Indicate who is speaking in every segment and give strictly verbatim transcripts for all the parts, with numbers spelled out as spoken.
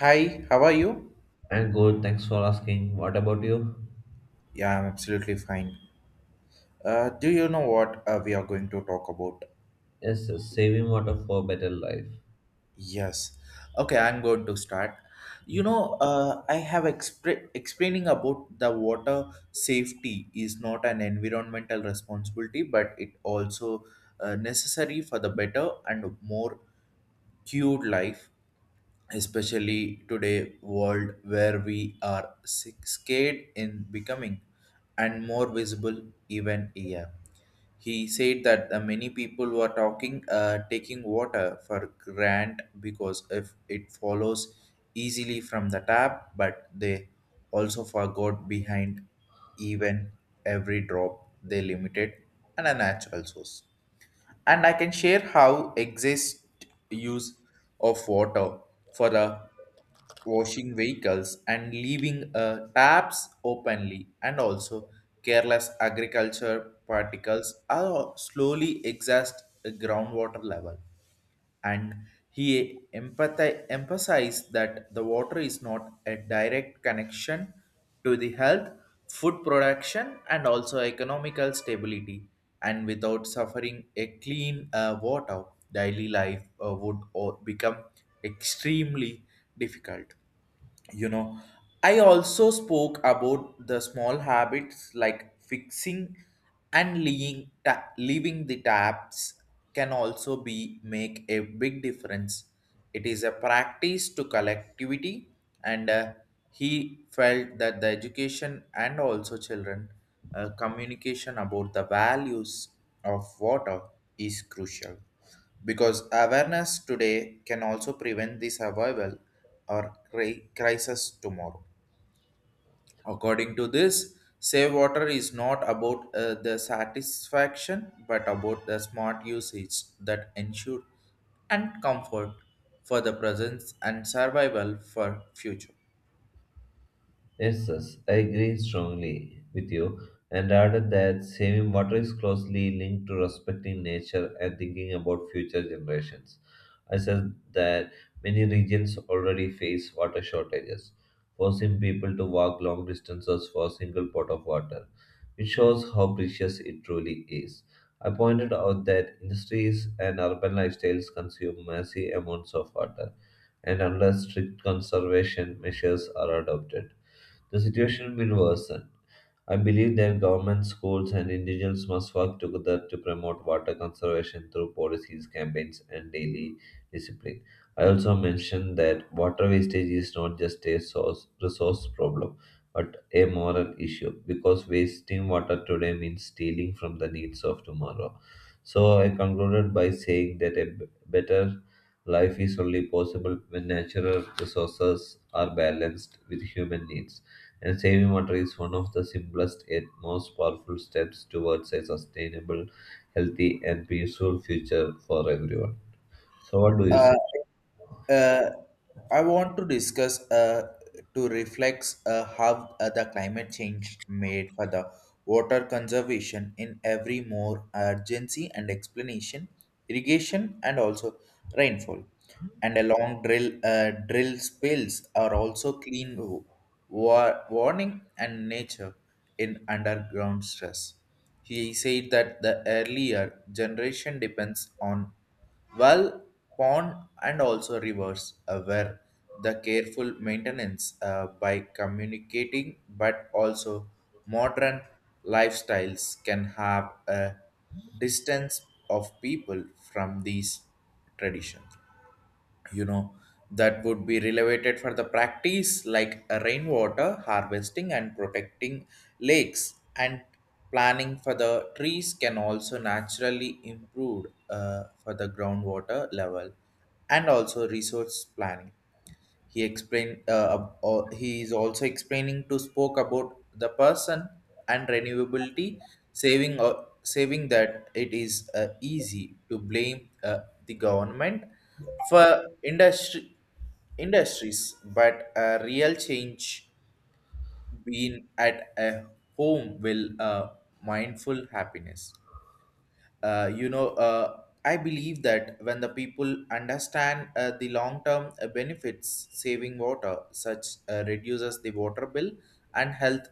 Speaker 1: Hi, how are you?
Speaker 2: I'm good, thanks for asking. What about you?
Speaker 1: Yeah, I'm absolutely fine. Uh, do you know what uh, we are going to talk about?
Speaker 2: Yes, yes, saving water for better life.
Speaker 1: Yes. Okay, I'm going to start. You know, uh, I have expre- explaining about the water safety is not an environmental responsibility, but it also uh, necessary for the better and more cured life, especially today world where we are sick, scared in becoming and more visible even here. He said that uh, many people were talking, uh, taking water for grant because if it follows easily from the tap, but they also forgot behind even every drop they limited and a natural source, and I can share how exist use of water for the washing vehicles and leaving uh, taps openly, and also careless agriculture particles are slowly exhaust the groundwater level. And he empathi- emphasized that the water is not a direct connection to the health, food production, and also economical stability. And without suffering a clean uh, water, daily life uh, would o- become extremely difficult, you know I also spoke about the small habits like fixing and leaving, ta- leaving the taps can also be make a big difference. It is a practice to collectivity, and uh, he felt that the education and also children uh, communication about the values of water is crucial because awareness today can also prevent the survival or cri- crisis tomorrow. According to this, save water is not about uh, the satisfaction but about the smart usage that ensure and comfort for the presence and survival for future.
Speaker 2: Yes, yes, I agree strongly with you and added that saving water is closely linked to respecting nature and thinking about future generations. I said that many regions already face water shortages, forcing people to walk long distances for a single pot of water, which shows how precious it truly is. I pointed out that industries and urban lifestyles consume massive amounts of water, and unless strict conservation measures are adopted, the situation will worsen. I believe that government, schools, and individuals must work together to promote water conservation through policies, campaigns, and daily discipline. I also mentioned that water wastage is not just a source, resource problem, but a moral issue because wasting water today means stealing from the needs of tomorrow. So I concluded by saying that a b- better life is only possible when natural resources are balanced with human needs and saving water is one of the simplest yet most powerful steps towards a sustainable, healthy, and peaceful future for everyone. So, what do you say?
Speaker 1: Uh, I want to discuss uh, to reflect uh, how uh, the climate change made for the water conservation in every more urgency and explanation, irrigation, and also rainfall. And along drill uh, drill spills are also clean war- warning and nature in underground stress. He said that the earlier generation depends on well, pond, and also rivers uh, where the careful maintenance uh, by communicating, but also modern lifestyles can have a distance of people from these traditions. You know that would be relevated for the practice like rainwater harvesting and protecting lakes, and planning for the trees can also naturally improve uh, for the groundwater level and also resource planning, he explained. Uh, uh, he is also explaining to spoke about the person and renewability, saving uh, saving that it is uh, easy to blame uh, the government for industry industries, but a real change being at a home will uh, mindful happiness. Uh, you know, uh, I believe that when the people understand uh, the long-term uh, benefits, saving water such uh, reduces the water bill and health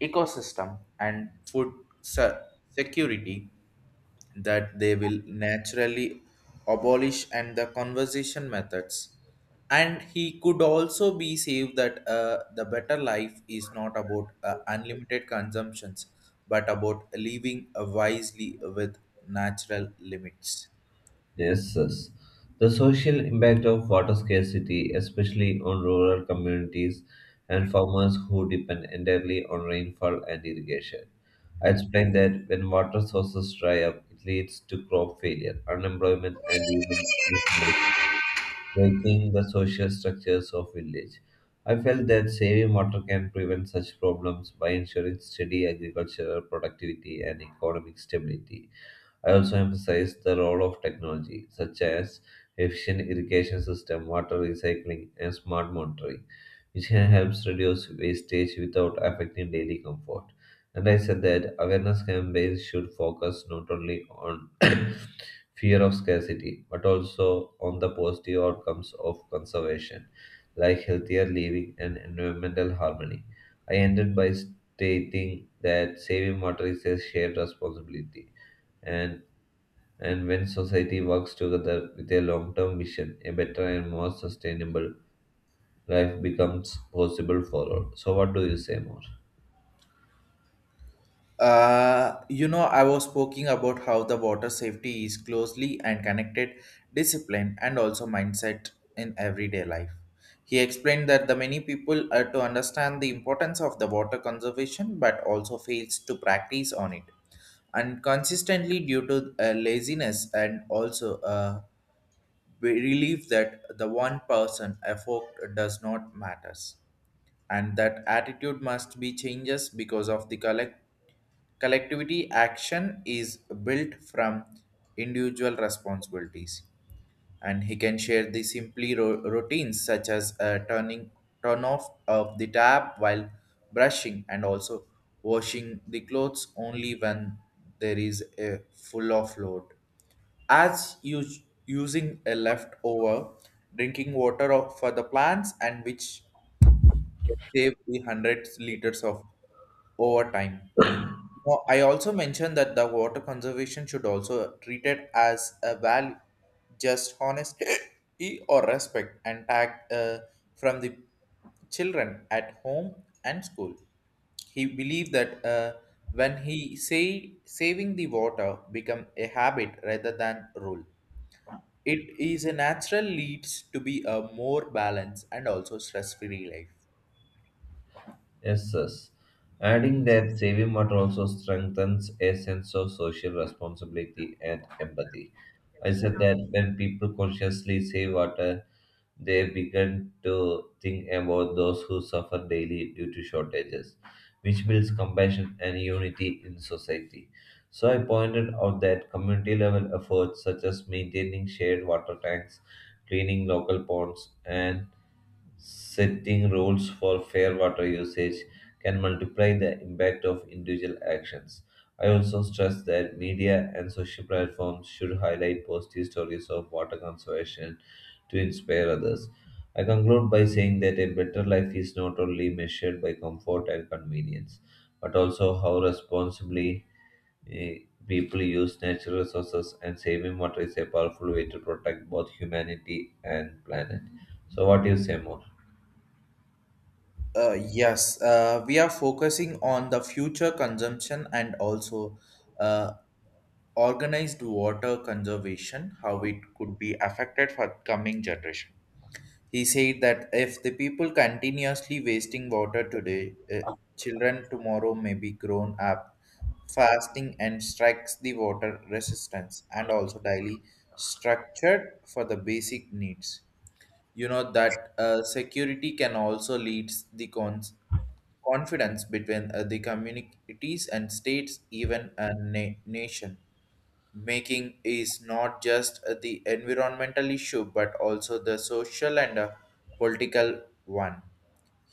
Speaker 1: ecosystem and food se- security, that they will naturally abolish and the conversation methods. And he could also be saved that uh, the better life is not about uh, unlimited consumptions but about living uh, wisely with natural limits.
Speaker 2: Yes, yes. The social impact of water scarcity, especially on rural communities and farmers who depend entirely on rainfall and irrigation. I explained that when water sources dry up, it leads to crop failure, unemployment, and even breaking the social structures of village. I felt that saving water can prevent such problems by ensuring steady agricultural productivity and economic stability. I also emphasized the role of technology, such as efficient irrigation system, water recycling, and smart monitoring, which can help reduce wastage without affecting daily comfort. And I said that awareness campaigns should focus not only on fear of scarcity, but also on the positive outcomes of conservation, like healthier living and environmental harmony. I ended by stating that saving water is a shared responsibility, and and when society works together with a long-term vision, a better and more sustainable life becomes possible for all. So, what do you say more?
Speaker 1: Uh, you know, I was speaking about how the water safety is closely and connected discipline and also mindset in everyday life. He explained that the many people are to understand the importance of the water conservation but also fails to practice on it and consistently due to uh, laziness, and also uh, we relieve that the one person effort does not matters, and that attitude must be changes because of the collect collectivity action is built from individual responsibilities. And he can share the simply ro- routines such as uh, turning turn off of the tap while brushing, and also washing the clothes only when there is a full of load, as us- using a leftover drinking water of- for the plants, and which can save the hundreds liters of over time. Now, I also mentioned that the water conservation should also treated as a value, just honesty or respect, and tagged uh, from the children at home and school. He believed that uh, when he say saving the water become a habit rather than rule. It is a natural leads to be a more balanced and also stress-free life.
Speaker 2: Yes, yes. Adding that saving water also strengthens a sense of social responsibility and empathy. I said that when people consciously save water, they begin to think about those who suffer daily due to shortages, which builds compassion and unity in society. So I pointed out that community level efforts such as maintaining shared water tanks, cleaning local ponds, and setting rules for fair water usage can multiply the impact of individual actions. I also stress that media and social platforms should highlight positive stories of water conservation to inspire others. I conclude by saying that a better life is not only measured by comfort and convenience, but also how responsibly eh, people use natural resources, and saving water is a powerful way to protect both humanity and planet. So, what do you say more?
Speaker 1: Uh, yes, uh, we are focusing on the future consumption and also uh, organized water conservation, how it could be affected for coming generation. He said that if the people continuously wasting water today, uh, children tomorrow may be grown up fasting and strikes the water resistance and also daily structured for the basic needs. You know that uh, security can also lead the cons- confidence between uh, the communities and states, even a na- nation making is not just the environmental issue but also the social and uh, political one.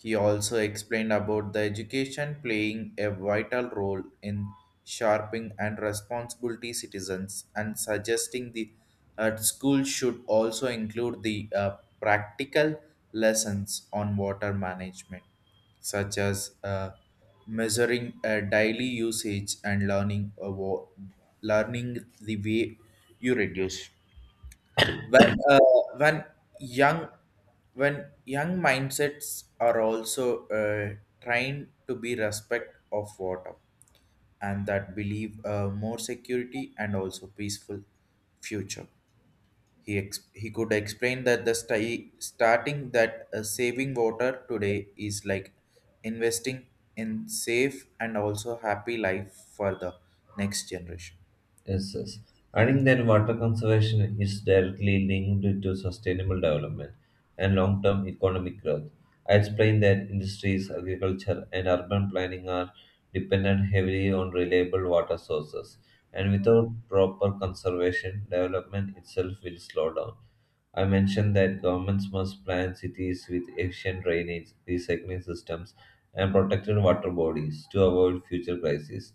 Speaker 1: He also explained about the education playing a vital role in sharping and responsibility citizens, and suggesting the uh, school should also include the uh, practical lessons on water management such as uh, measuring uh, daily usage and learning a wa- learning the way you reduce when uh, when young when young mindsets are also uh, trained to be respect of water, and that believe uh, more security and also peaceful future. He ex- he could explain that the sti- starting that uh, saving water today is like investing in safe and also happy life for the next generation.
Speaker 2: Yes, yes. I think that water conservation is directly linked to sustainable development and long term economic growth. I explained that industries, agriculture, and urban planning are dependent heavily on reliable water sources, and without proper conservation, development itself will slow down. I mentioned that governments must plan cities with efficient drainage, recycling systems, and protected water bodies to avoid future crises.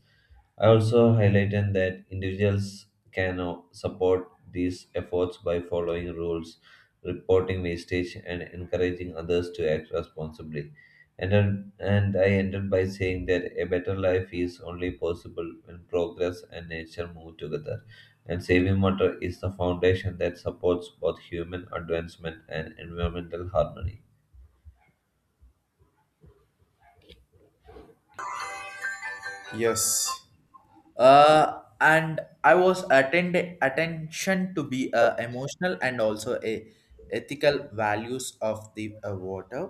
Speaker 2: I also highlighted that individuals can o- support these efforts by following rules, reporting wastage, and encouraging others to act responsibly. And, then- and I ended by saying that a better life is only possible when progress and nature move together and saving water is the foundation that supports both human advancement and environmental harmony.
Speaker 1: Yes, uh, and I was attend attention to be uh, emotional and also a ethical values of the uh, water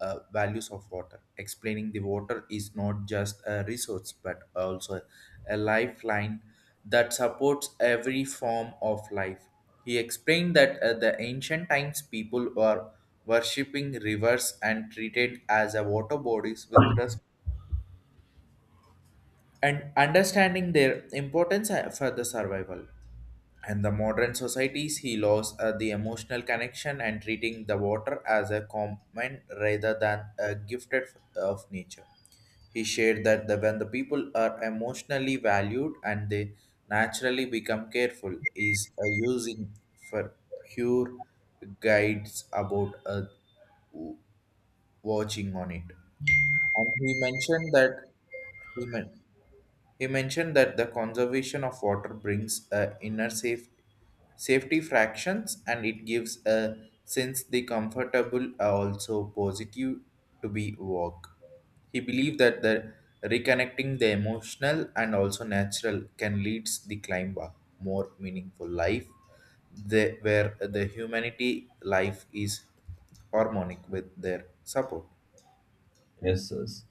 Speaker 1: uh, values of water explaining the water is not just a resource but also a lifeline that supports every form of life. He explained that uh, the ancient times people were worshipping rivers and treated as a water bodies with respect and understanding their importance uh, for the survival. And the modern societies, he lost uh, the emotional connection and treating the water as a common rather than a gifted f- of nature. He shared that the, when the people are emotionally valued and they naturally become careful, is uh, using for pure guides about uh, w- watching on it. And he mentioned that he meant. He mentioned that the conservation of water brings a inner safe, safety fractions, and it gives a sense the comfortable are also positive to be work. He believed that the reconnecting the emotional and also natural can lead the climb a more meaningful life, the, where the humanity life is harmonic with their support.
Speaker 2: Yes, yes.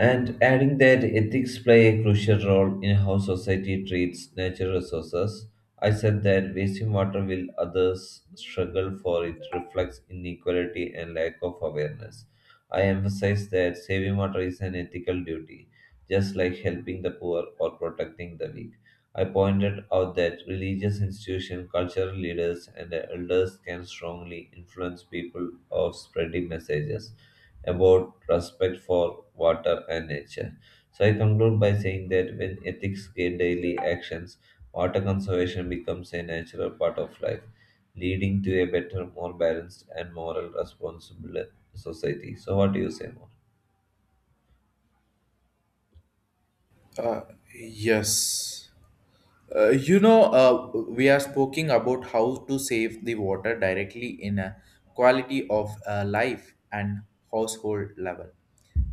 Speaker 2: And adding that ethics play a crucial role in how society treats natural resources, I said that wasting water while others struggle for it reflects inequality and lack of awareness. I emphasize that saving water is an ethical duty, just like helping the poor or protecting the weak. I pointed out that religious institutions, cultural leaders, and elders can strongly influence people of spreading messages about respect for water and nature. So I conclude by saying that when ethics guide daily actions, water conservation becomes a natural part of life, leading to a better, more balanced, and moral responsible society. So what do you say more?
Speaker 1: Uh, yes. Uh, you know, uh, we are speaking about how to save the water directly in a quality of uh, life and household level.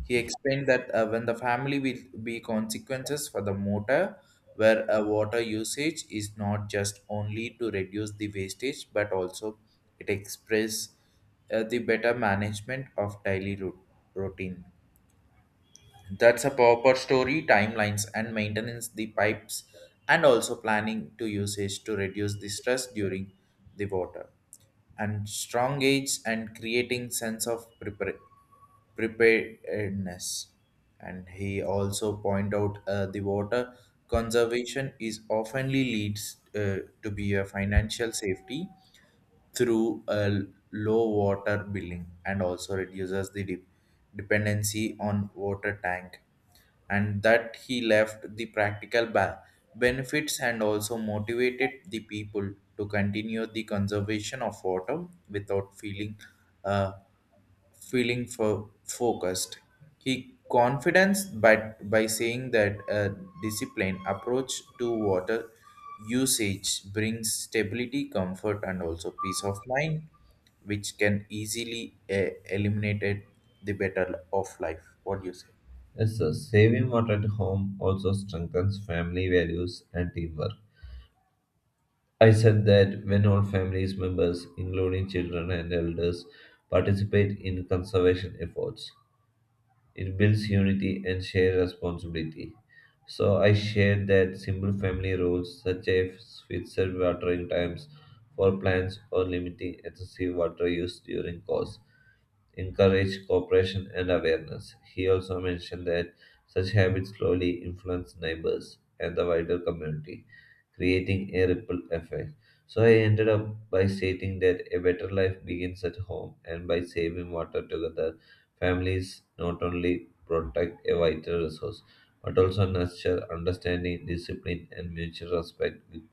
Speaker 1: He explained that uh, when the family will be consequences for the motor, where uh, water usage is not just only to reduce the wastage, but also it express uh, the better management of daily rou- routine. That's a proper story, timelines, and maintenance the pipes, and also planning to usage to reduce the stress during the water. And strong age and creating sense of prepar- preparedness. And he also point out uh, the water conservation is oftenly leads uh, to be a financial safety through a low water billing and also reduces the de- dependency on water tank. And that he left the practical ba- benefits, and also motivated the people to continue the conservation of water without feeling uh, feeling for focused. He confidence but by saying that a disciplined approach to water usage brings stability, comfort, and also peace of mind, which can easily uh, eliminate the better of life. What do you say?
Speaker 2: Yes, sir. Saving water at home also strengthens family values and teamwork. I said that when all families members, including children and elders, participate in conservation efforts, it builds unity and shared responsibility. So I shared that simple family rules, such as fixed watering times for plants or limiting excessive water use during course, encourage cooperation and awareness. He also mentioned that such habits slowly influence neighbors and the wider community, creating a ripple effect. So I ended up by stating that a better life begins at home, and by saving water together, families not only protect a vital resource but also nurture understanding, discipline, and mutual respect with-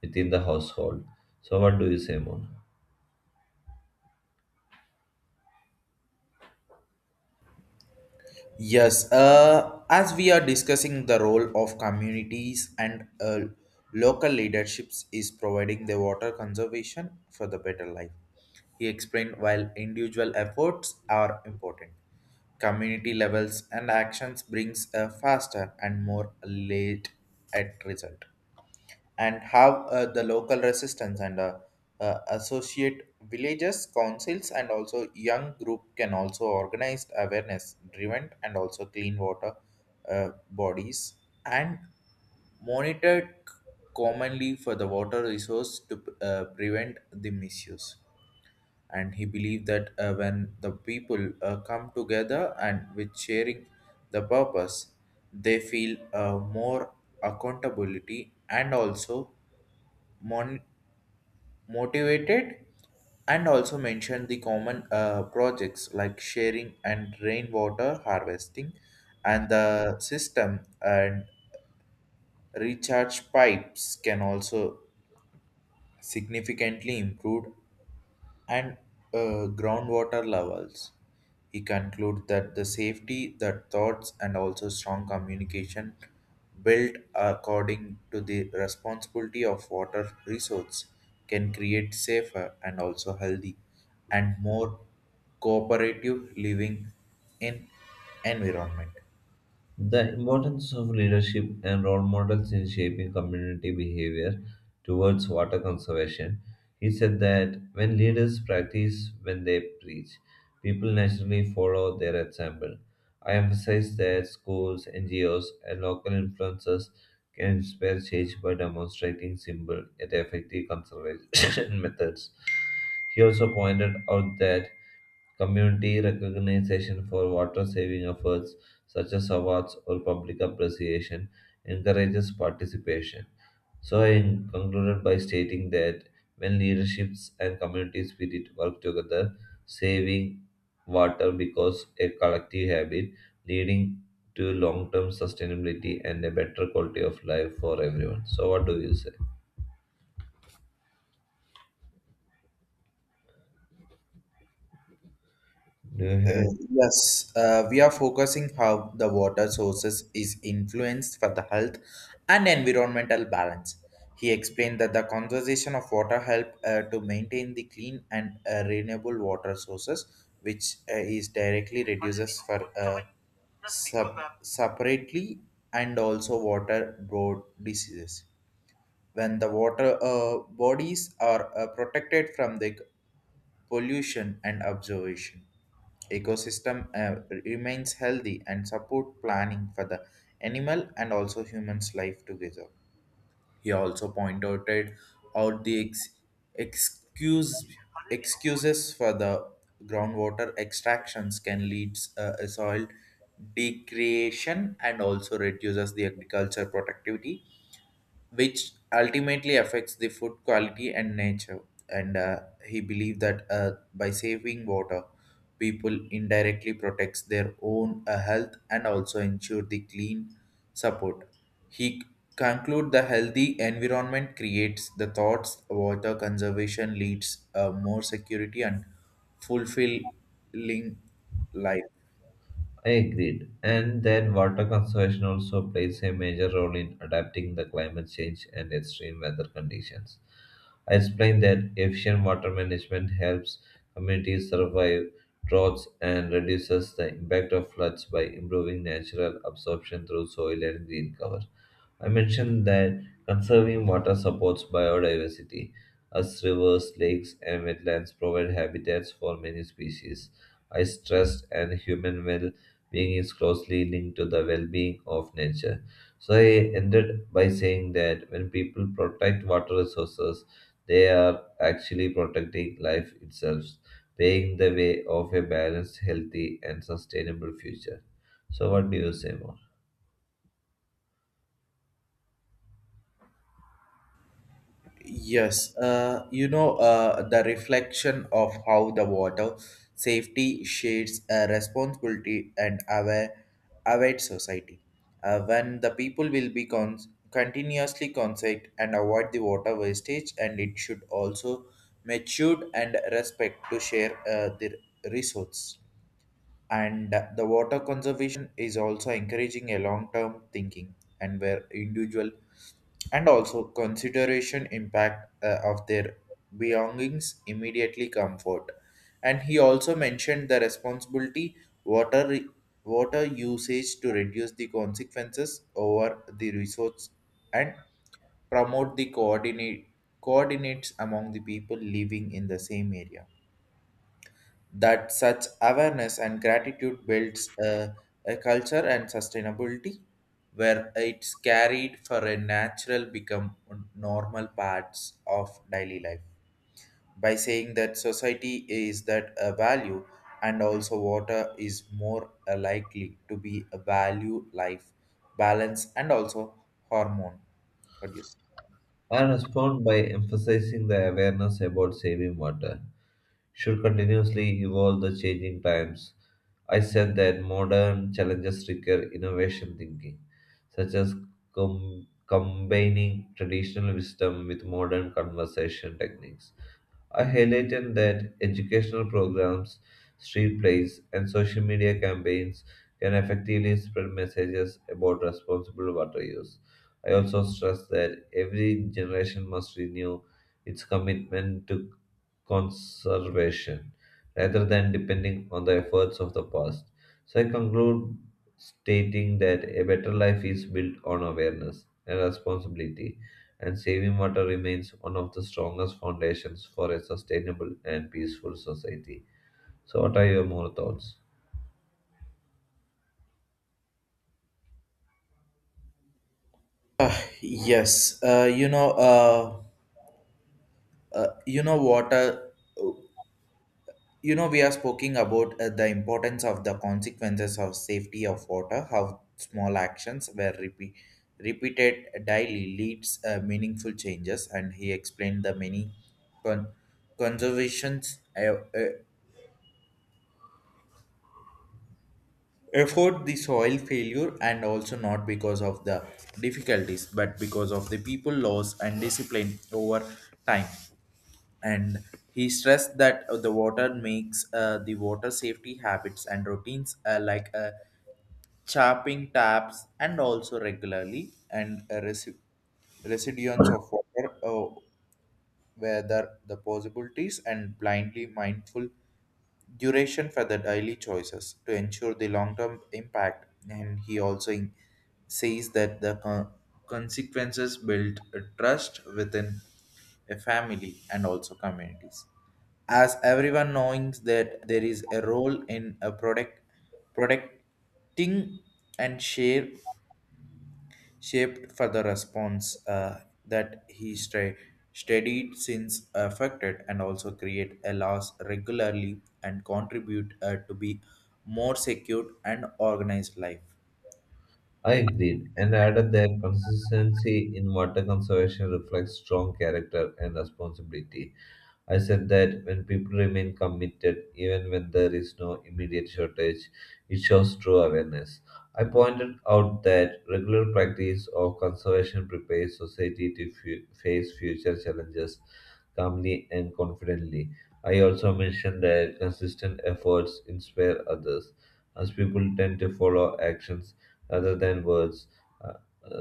Speaker 2: within the household. So, what do you say more?
Speaker 1: Yes, uh, as we are discussing the role of communities and uh, local leaderships is providing the water conservation for the better life. He explained while individual efforts are important, community levels and actions brings a faster and more late at result, and have uh, the local resistance and uh, uh, associate villages councils and also young group can also organize awareness driven and also clean water uh, bodies, and monitored commonly for the water resource to uh, prevent the misuse. And he believed that uh, when the people uh, come together and with sharing the purpose, they feel uh, more accountability and also mon- motivated, and also mention the common uh, projects like sharing and rainwater harvesting and the system and recharge pipes can also significantly improve and uh, groundwater levels. He concludes that the safety, the thoughts, and also strong communication built according to the responsibility of water resource can create safer and also healthy and more cooperative living in environment.
Speaker 2: The importance of leadership and role models in shaping community behavior towards water conservation. He said that when leaders practice when they preach, people naturally follow their example. I emphasize that schools, N G Os, and local influencers can inspire change by demonstrating simple yet effective conservation methods. He also pointed out that community recognition for water saving efforts, such as awards or public appreciation, encourages participation. So, I concluded by stating that when leaderships and community spirit work together, saving water becomes a collective habit, leading to long term sustainability and a better quality of life for everyone. So, what do you say? Do you
Speaker 1: Uh,
Speaker 2: have
Speaker 1: yes, uh, we are focusing how the water sources is influenced for the health and environmental balance. He explained that the conservation of water help uh, to maintain the clean and uh, renewable water sources, which uh, is directly reduces for uh, sub- separately and also water borne diseases when the water uh, bodies are uh, protected from the pollution and observation. Ecosystem uh, remains healthy and support planning for the animal and also humans life together. He also pointed out the ex- excuse excuses for the groundwater extractions can lead uh, a soil degradation and also reduces the agriculture productivity, which ultimately affects the food quality and nature. And uh, He believed that uh, by saving water, people indirectly protects their own uh, health and also ensure the clean support. He conclude the healthy environment creates the thoughts water conservation leads uh, more security and fulfilling life.
Speaker 2: I agreed. And then water conservation also plays a major role in adapting the climate change and extreme weather conditions. I explained that efficient water management helps communities survive droughts and reduces the impact of floods by improving natural absorption through soil and green cover. I mentioned that conserving water supports biodiversity, as rivers, lakes, and wetlands provide habitats for many species. I stressed and human well being is closely linked to the well being of nature. So I ended by saying that when people protect water resources, they are actually protecting life itself, paving the way of a balanced, healthy, and sustainable future. So, what do you say more?
Speaker 1: Yes, uh, you know, uh, the reflection of how the water safety shades a responsibility and aware, aware society. Uh, when the people will be con- continuously considerate and avoid the water wastage, and it should also matured and respect to share uh, the resource. And the water conservation is also encouraging a long-term thinking and where individual and also consideration impact uh, of their belongings immediately comfort, and he also mentioned the responsibility water re- water usage to reduce the consequences over the resource and promote the coordinate coordinates among the people living in the same area, that such awareness and gratitude builds a, a culture and sustainability where it's carried for a natural become normal parts of daily life, by saying that society is that a value and also water is more uh, likely to be a value life balance and also hormone. What do you say?
Speaker 2: I respond by emphasizing the awareness about saving water should continuously evolve the changing times. I said that modern challenges require innovation thinking, such as com- combining traditional wisdom with modern conversation techniques. I highlighted that educational programs, street plays, and social media campaigns can effectively spread messages about responsible water use. I also stressed that every generation must renew its commitment to conservation rather than depending on the efforts of the past. So I conclude stating that a better life is built on awareness and responsibility and saving water remains one of the strongest foundations for a sustainable and peaceful society. So, what are your more thoughts?
Speaker 1: Uh, yes, uh, you know, uh, uh, you know, Water. you know we are speaking about uh, the importance of the consequences of safety of water, how small actions were repeat, repeated daily leads uh, meaningful changes. And he explained the many con- conservations uh, uh, effort the soil failure and also not because of the difficulties but because of the people loss and discipline over time. And he stressed that uh, the water makes uh, the water safety habits and routines uh, like uh, chapping taps and also regularly and a resi- residues of water, uh, whether the possibilities and blindly mindful duration for the daily choices to ensure the long-term impact. And he also in- says that the co- consequences build a trust within a family and also communities, as everyone knowing that there is a role in a product protecting and share shaped for the response, uh, that he stra- studied since affected and also create a loss regularly and contribute uh, to be more secure and organized life.
Speaker 2: I agreed and added that consistency in water conservation reflects strong character and responsibility. I said that when people remain committed, even when there is no immediate shortage, it shows true awareness. I pointed out that regular practice of conservation prepares society to fu- face future challenges calmly and confidently. I also mentioned that consistent efforts inspire others, as people tend to follow actions rather than words. uh,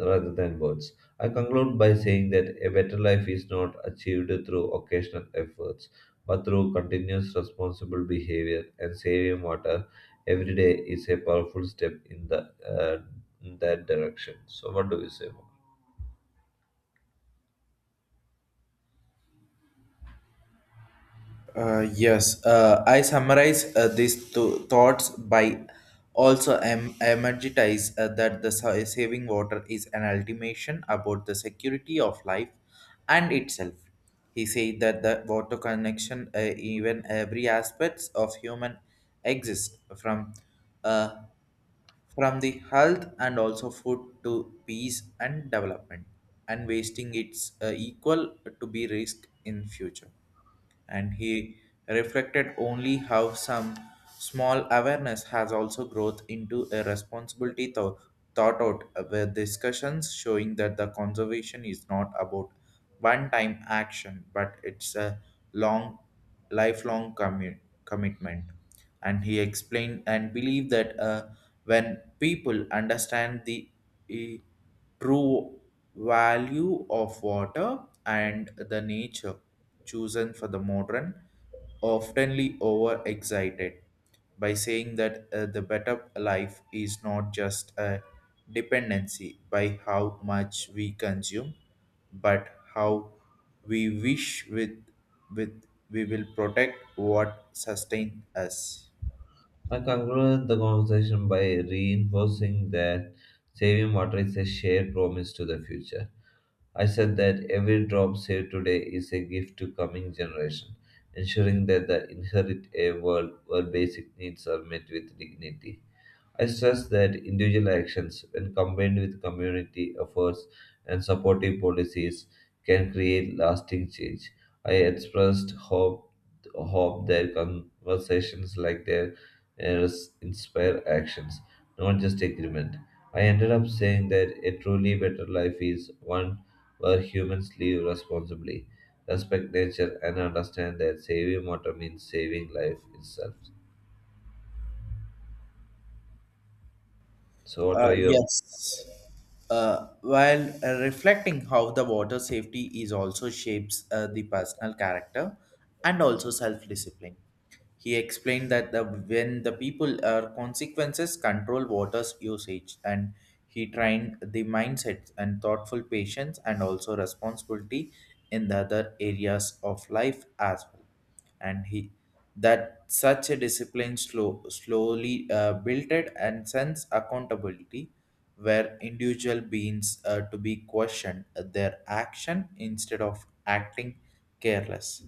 Speaker 2: rather than words. I conclude by saying that a better life is not achieved through occasional efforts, but through continuous responsible behavior and saving water every day is a powerful step in, the, uh, in that direction. So, what do you say more?
Speaker 1: Uh, yes, uh, I summarize uh, these two thoughts by also em- emphasize uh, that the sa- saving water is an ultimation about the security of life and itself. He said that the water connection, uh, even every aspects of human exist from uh, from the health and also food to peace and development, and wasting its uh, equal to be risk in future. And he reflected only how some small awareness has also growth into a responsibility tho- thought out, where discussions showing that the conservation is not about one time action but it's a long lifelong commi- commitment. And he explained and believed that uh, when people understand the eh, true value of water and the nature chosen for the modern, oftenly overexcited, by saying that uh, the better life is not just a dependency by how much we consume, but how we wish with, with we will protect what sustains us.
Speaker 2: I conclude the conversation by reinforcing that saving water is a shared promise to the future. I said that every drop saved today is a gift to coming generation, ensuring that the inherit a world where basic needs are met with dignity. I stress that individual actions, when combined with community efforts and supportive policies, can create lasting change. I expressed hope, hope that conversations like theirs inspire actions, not just agreement. I ended up saying that a truly better life is one where humans live responsibly, respect nature, and understand that saving water means saving life itself. So, what
Speaker 1: Uh,
Speaker 2: are your
Speaker 1: yes. Uh, while uh, reflecting how the water safety is also shapes uh, the personal character and also self-discipline. He explained that the, when the people are consequences control water's usage and he trained the mindset and thoughtful patience and also responsibility in the other areas of life as well. And he, that such a discipline slow, slowly uh, built it and sense accountability where individual beings uh, to be questioned their action instead of acting careless.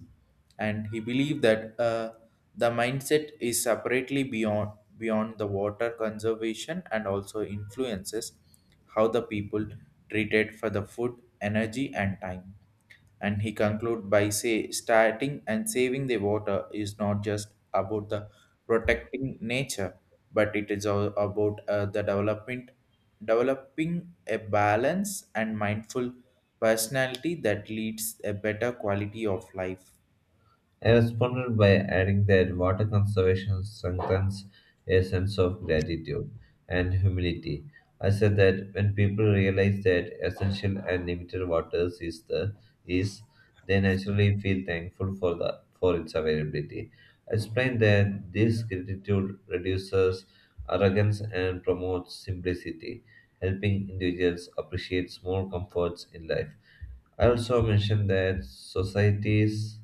Speaker 1: And he believed that uh, the mindset is separately beyond beyond the water conservation and also influences how the people treated for the food energy and time. And he conclude by say starting and saving the water is not just about the protecting nature, but it is all about uh, the development, developing a balance and mindful personality that leads a better quality of life.
Speaker 2: I responded by adding that water conservation strengthens a sense of gratitude and humility. I said that when people realize that essential and limited water is the is, they naturally feel thankful for the for its availability. I explained that this gratitude reduces arrogance and promotes simplicity, helping individuals appreciate small comforts in life. I also mentioned that societies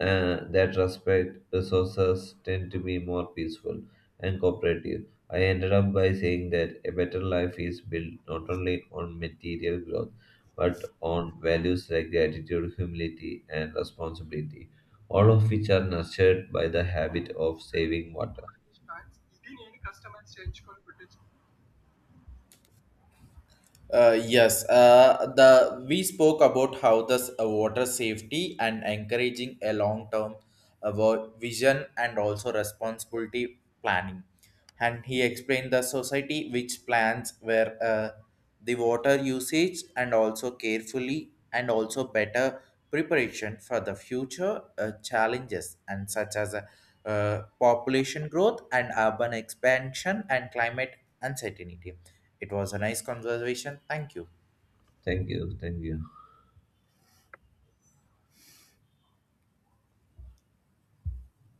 Speaker 2: uh, that respect resources tend to be more peaceful and cooperative. I ended up by saying that a better life is built not only on material growth but on values like gratitude, humility, and responsibility, all of which are nurtured by the habit of saving water.
Speaker 1: Uh, yes, uh, the we spoke about how the uh, water safety and encouraging a long-term uh, vo- vision and also responsibility planning, and he explained the society which plans where uh, the water usage and also carefully and also better preparation for the future uh, challenges and such as uh, uh, population growth and urban expansion and climate uncertainty. It was a nice conversation. Thank you.
Speaker 2: Thank you. Thank you.